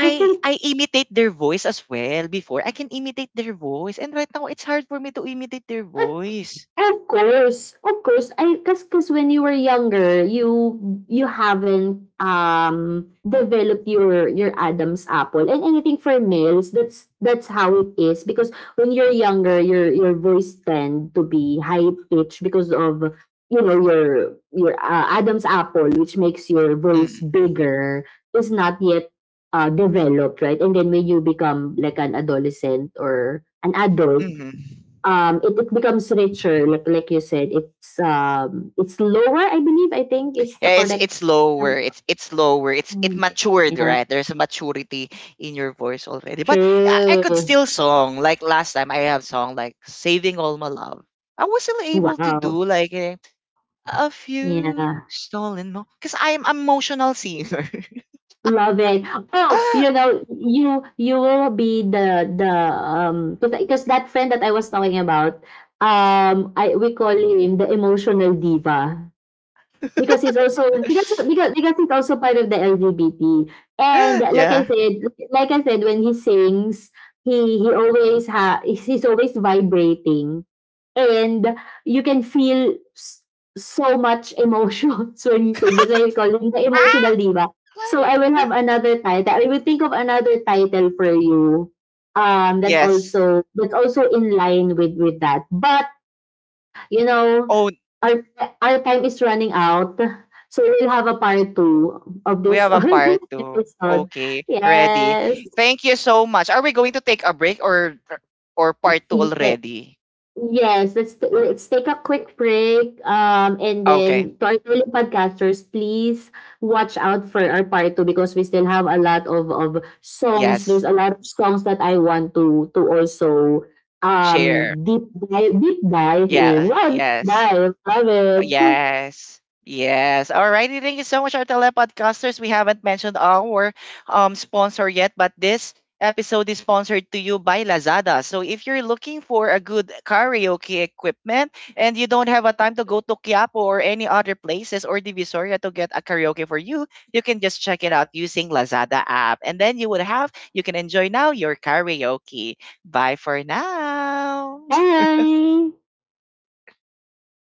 I think I imitate their voice as well before. I can imitate their voice, and right now it's hard for me to imitate their voice. Of course, I cause cause when you were younger, you haven't developed your Adam's apple and anything for males. That's how it is, because when you're younger, your voice tend to be high pitched because of, you know, your Adam's apple, which makes your voice Mm, bigger, is not yet developed, right? And then when you become like an adolescent or an adult, mm-hmm. It, becomes richer, like you said. It's it's lower, I believe. I think is the Yeah, correct it's term. lower. It's lower. It's it Mm, matured, yeah, right? There's a maturity in your voice already. But I could true. still song like last time. I have song like "Saving All My Love." I was still able to Wow. do like eh, a few Yeah, stolen mo because I am emotional singer. love it. Oh, you know, you will be the, because that friend that I was talking about, um i we call him the emotional diva. Because he's also, because he's also part of the LGBT. And like Yeah. I said, when he sings, he's always vibrating, and you can feel so much emotions when he sings. That's why I call him the emotional diva. So I will have another title. I will think of another title for you. That Yes. also, that's also in line with that. But you know, Oh, our our time is running out, so we'll have a part two of we this have a of this part two. episode. Okay, ready. Yes. Thank you so much. Are we going to take a break or part two Ye- already? Yes, let's take a quick break. Um, and Okay. then to our fellow podcasters, please watch out for our part two, because we still have a lot of songs. There's Yes. a lot of songs that I want to also Share. Deep dive, in. Yeah. Wow, deep Yes. dive, love it. Yes. Yes. Alrighty, thank you so much, our telepodcasters. We haven't mentioned our sponsor yet, but this episode is sponsored to you by Lazada. So if you're looking for a good karaoke equipment and you don't have a time to go to Quiapo or any other places or Divisoria to get a karaoke for you, you can just check it out using Lazada app. And then you would have you can enjoy now your karaoke. Bye for now. Bye.